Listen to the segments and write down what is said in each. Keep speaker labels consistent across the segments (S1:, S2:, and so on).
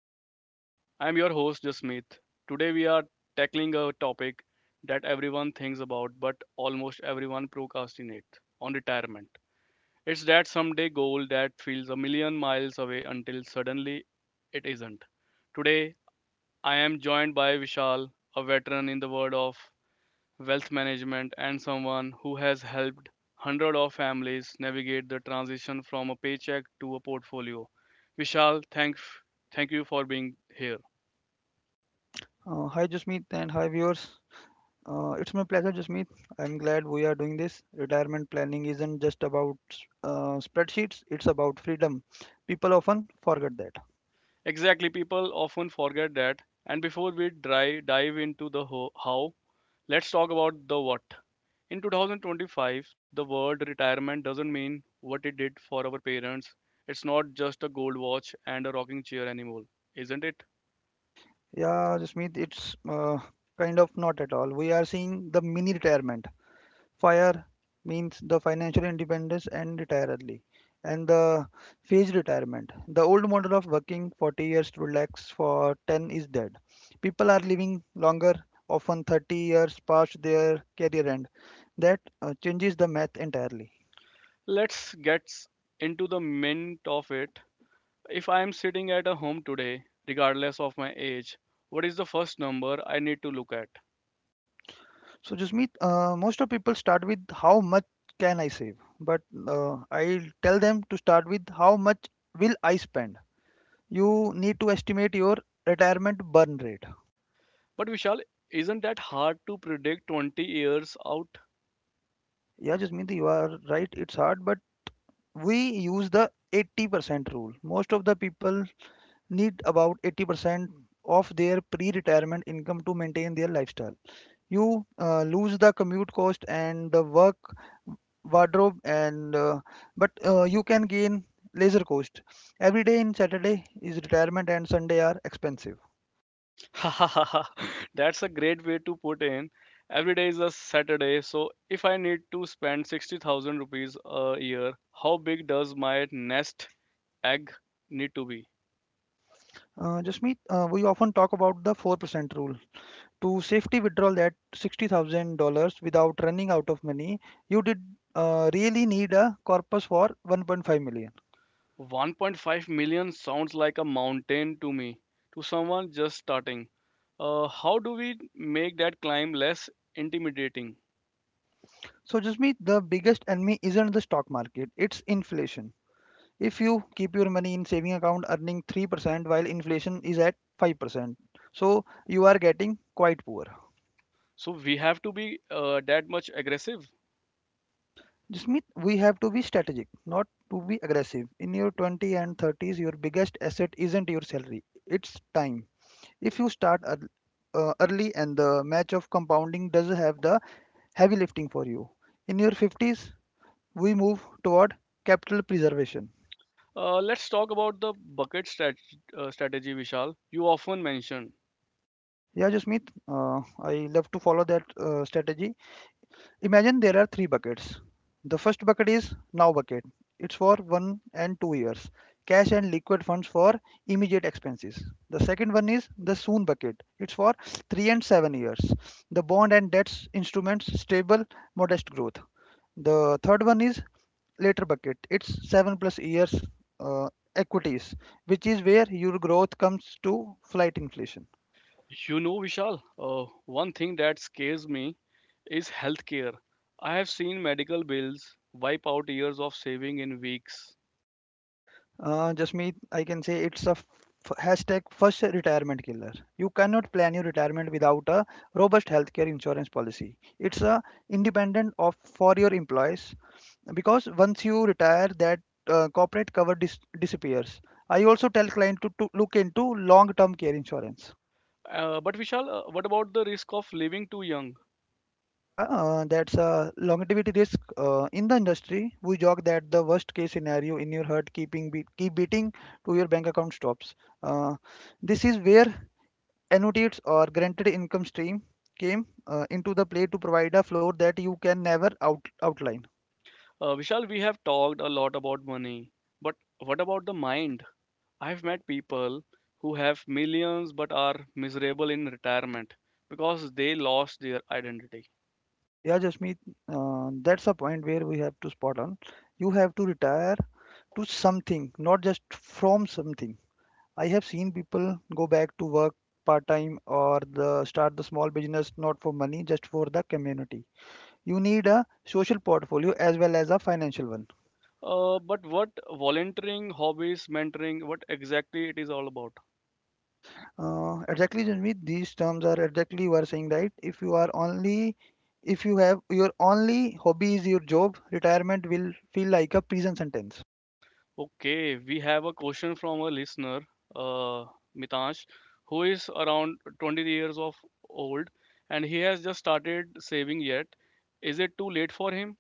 S1: Blueprint. I'm your host Jasmeet. Today we are tackling a topic that everyone thinks about but almost everyone procrastinates on retirement. It's that someday goal that feels a million miles away until suddenly it isn't. Today I am joined by Vishal, a veteran in the world of wealth management, and someone who has helped hundreds of families navigate the transition from a paycheck to a portfolio. Vishal, thank you for being here.
S2: Hi, Jasmeet, and hi, viewers. It's my pleasure, Jasmeet. I'm glad we are doing this. Retirement planning isn't just about spreadsheets, it's about freedom. People often forget that.
S1: Exactly, people often forget that. And before we dive into the how, let's talk about the what. In 2025, the word retirement doesn't mean what it did for our parents. It's not just a gold watch and a rocking chair anymore, isn't it?
S2: Yeah, Jasmeet, it's kind of not at all. We are seeing the mini retirement. FIRE means the financial independence and retire early, and the phased retirement. The old model of working 40 years to relax for 10 is dead. People are living longer, often 30 years past their career end. That changes the math entirely.
S1: Let's get s- into the mint of it. If I am sitting at a home today, regardless of my age, what is the first number I need to look at?
S2: So, Jasmeet, most of people start with how much can I save, but I'll tell them to start with how much will I spend. You need to estimate your retirement burn rate.
S1: But Vishal, isn't that hard to predict 20 years out?
S2: Yeah, Jasmeet, you are right. It's hard, but we use the 80% rule. Most of the people need about 80% of their pre-retirement income to maintain their lifestyle. You lose the commute cost and the work wardrobe, and but you can gain leisure cost. Every day in Saturday is retirement, and Sunday are expensive.
S1: That's a great way to put in. Every day is a Saturday, so if I need to spend 60,000 rupees a year, how big does my nest egg need to be?
S2: Jasmeet, we often talk about the 4% rule, to safely withdraw that $60,000 without running out of money, you did really need a corpus for 1.5 million.
S1: 1.5 million sounds like a mountain to me, to someone just starting. How do we make that climb less intimidating?
S2: So, Jasmeet, the biggest enemy isn't the stock market, it's inflation. If you keep your money in saving account earning 3% while inflation is at 5%, so you are getting quite poor.
S1: So we have to be that much aggressive.
S2: Jasmeet, we have to be strategic, not to be aggressive. In your 20 and 30s, your biggest asset isn't your salary, it's time. If you start early and the match of compounding does have the heavy lifting for you. In your 50s, we move toward capital preservation.
S1: Let's talk about the strategy, Vishal. You often mention.
S2: Yeah, Jasmeet, I love to follow that strategy. Imagine there are three buckets. The first bucket is now bucket. It's for 1 and 2 years. Cash and liquid funds for immediate expenses. The second one is the soon bucket. It's for 3 and 7 years. The bond and debts instruments stable modest growth. The third one is later bucket. It's 7+ years uh, equities, which is where your growth comes to flight inflation.
S1: You know, Vishal, one thing that scares me is healthcare. I have seen medical bills wipe out years of saving in weeks.
S2: Just me, I can say it's a hashtag first retirement killer. You cannot plan your retirement without a robust healthcare insurance policy. It's a independent of for your employees because once you retire, that corporate cover disappears. I also tell client to look into long-term care insurance.
S1: But Vishal, what about the risk of living too young?
S2: Yeah, that's a longevity risk in the industry. We joke that the worst case scenario in your heart keeping keep beating to your bank account stops. Uh, this is where annuities or granted income stream came into the play to provide a floor that you can never out outline.
S1: Vishal, we have talked a lot about money, but what about the mind? I've met people who have millions but are miserable in retirement because they lost their identity.
S2: Yeah, Jasmeet, that's a point where we have to spot on. You have to retire to something, not just from something. I have seen people go back to work part time or the start the small business not for money, just for the community. You need a social portfolio as well as a financial one.
S1: But what volunteering, hobbies, mentoring, what exactly it is all about?
S2: Exactly, Janvi, these terms are exactly you are saying right. If you have your only hobby is your job, retirement will feel like a prison sentence.
S1: Okay, we have a question from a listener, uh, Mitansh, who is around 20 years of old and he has just started saving yet. Is it too late for him?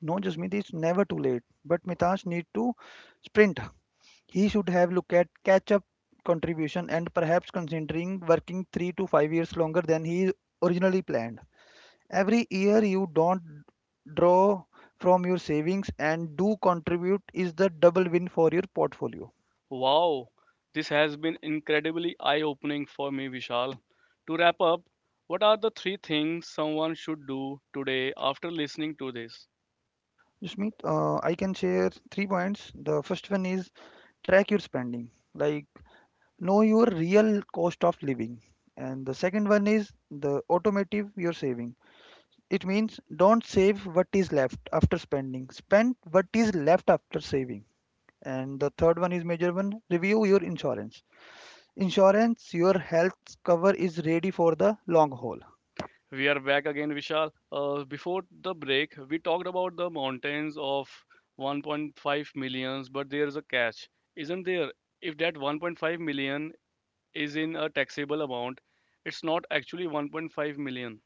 S2: No, Jasmeet, it's never too late. But Mitash need to sprint. He should have looked at catch-up contribution and perhaps considering working 3 to 5 years longer than he originally planned. Every year you don't draw from your savings and do contribute is the double win for your portfolio.
S1: Wow, this has been incredibly eye opening for me, Vishal. To wrap up, what are the three things someone should do today after listening to this?
S2: Smith, I can share three points. The first one is track your spending, like know your real cost of living. And the second one is the automotive your saving. It means don't save what is left after spending. Spend what is left after saving. And the third one is major one review your insurance. Insurance, your health cover is ready for the long haul.
S1: We are back again, Vishal. Before the break, we talked about the mountains of 1.5 millions, but there is a catch, isn't there? If that 1.5 million is in a taxable amount, it's not actually 1.5 million.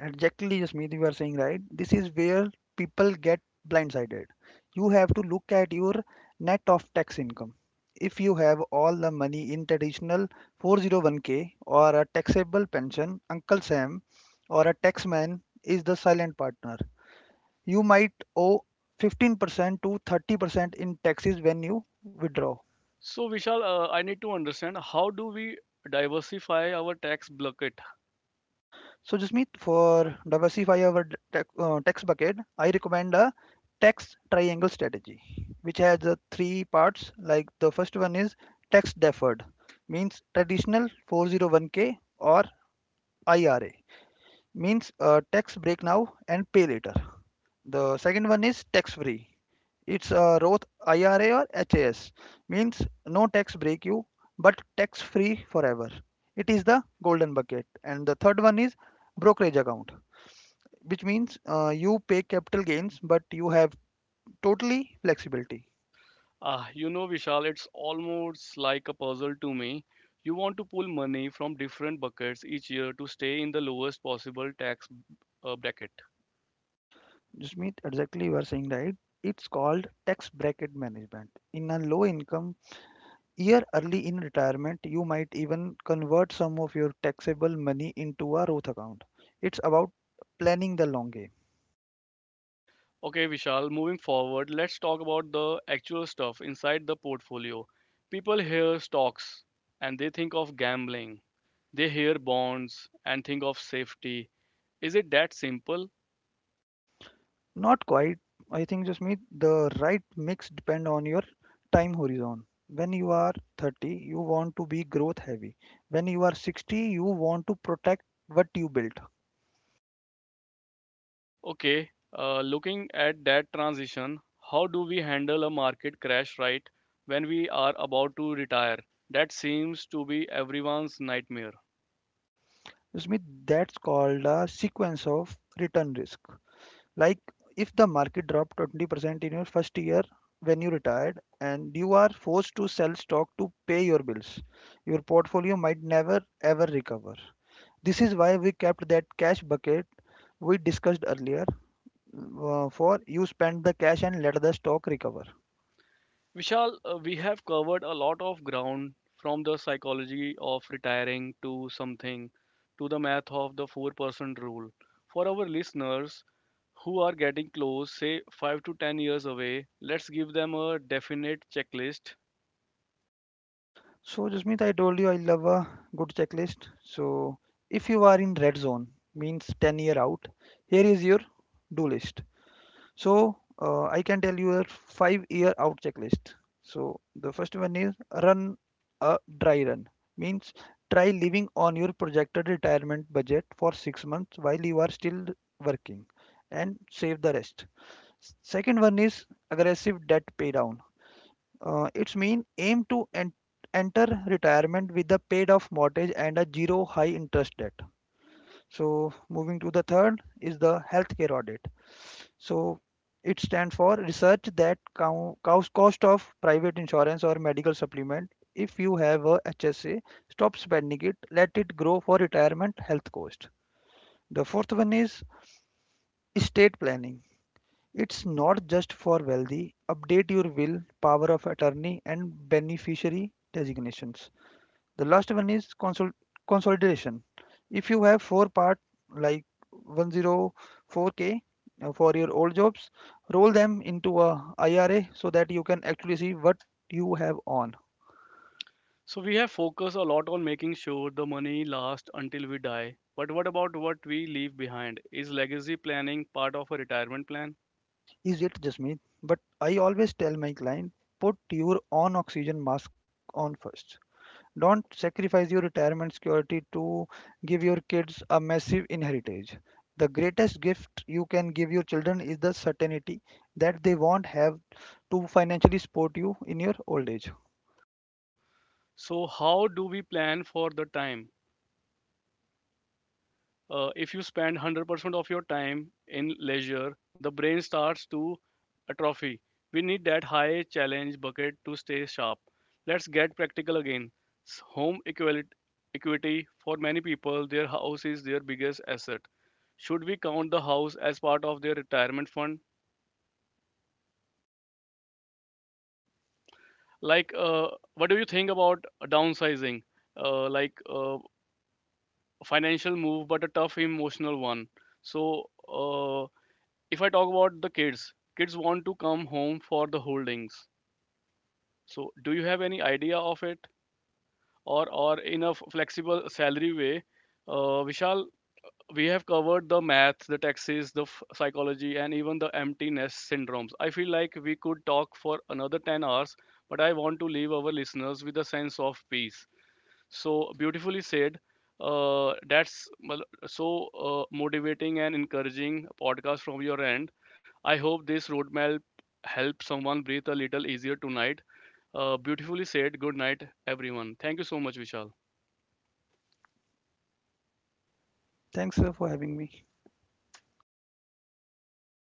S2: Exactly, Jasmeet, you are saying right. This is where people get blindsided. You have to look at your net of tax income. If you have all the money in traditional 401k or a taxable pension, Uncle Sam or a taxman is the silent partner. You might owe 15% to 30% in taxes when you withdraw.
S1: So, Vishal, I need to understand how do we diversify our tax bucket.
S2: So Jasmeet, for diversify our tax bucket, I recommend a tax triangle strategy, which has three parts. Like the first one is tax deferred, means traditional 401k or IRA, means tax break now and pay later. The second one is tax free, it's a Roth IRA or HAS, means no tax break you, but tax free forever. It is the golden bucket. And the third one is brokerage account, which means you pay capital gains, but you have totally flexibility.
S1: Ah, you know, Vishal, it's almost like a puzzle to me. You want to pull money from different buckets each year to stay in the lowest possible tax bracket.
S2: Just mean exactly you are saying right. It's called tax bracket management. In a low income year early in retirement, you might even convert some of your taxable money into a Roth account. It's about planning the long game.
S1: Okay, Vishal, moving forward, let's talk about the actual stuff inside the portfolio. People hear stocks and they think of gambling, they hear bonds and think of safety. Is it that simple?
S2: Not quite. I think just me the right mix depend on your time horizon. When you are 30, you want to be growth heavy. When you are 60, you want to protect what you built.
S1: Okay, looking at that transition, how do we handle a market crash right when we are about to retire? That seems to be everyone's nightmare.
S2: Just me that's called a sequence of return risk. Like if the market dropped 20% in your first year when you retired and you are forced to sell stock to pay your bills, your portfolio might never ever recover. This is why we kept that cash bucket we discussed earlier for you spend the cash and let the stock recover.
S1: Vishal, we have covered a lot of ground from the psychology of retiring to something to the math of the 4% rule. For our listeners who are getting close, say 5 to 10 years away, let's give them a definite checklist.
S2: So, Jasmeet, I told you I love a good checklist. So, if you are in red zone, means 10-year out, here is your do list. So, I can tell you a 5-year out checklist. So, the first one is run a dry run, means try living on your projected retirement budget for 6 months while you are still working and save the rest. Second one is aggressive debt pay down. It's mean aim to enter retirement with a paid off mortgage and a zero high interest debt. So moving to the third is the healthcare audit. So it stands for research that cost of private insurance or medical supplement. If you have a HSA, stop spending it. Let it grow for retirement health cost. The fourth one is estate planning. It's not just for wealthy. Update your will, power of attorney, and beneficiary designations. The last one is consolidation. If you have four-part like 104k for your old jobs, roll them into a IRA so that you can actually see what you have on.
S1: So we have focused a lot on making sure the money lasts until we die. But what about what we leave behind? Is legacy planning part of a retirement plan?
S2: Is it just me? But I always tell my client put your own oxygen mask on first. Don't sacrifice your retirement security to give your kids a massive inheritance. The greatest gift you can give your children is the certainty that they won't have to financially support you in your old age.
S1: So how do we plan for the time? If you spend 100% of your time in leisure, the brain starts to atrophy. We need that high challenge bucket to stay sharp. Let's get practical again. S- Home equali- equity for many people, their house is their biggest asset. Should we count the house as part of their retirement fund? Like, uh, what do you think about downsizing? Like, financial move, but a tough emotional one. So, uh, if I talk about the kids, kids want to come home for the holdings. So, do you have any idea of it, or in a flexible salary way? Vishal, we have covered the math, the taxes, the psychology, and even the emptiness syndromes. I feel like we could talk for another 10 hours, but I want to leave our listeners with a sense of peace so beautifully said. That's mal- so Motivating and encouraging podcast from your end. I hope this roadmap helps someone breathe a little easier tonight. Beautifully said. Good night everyone, thank you so much Vishal.
S2: Thanks sir, for having me.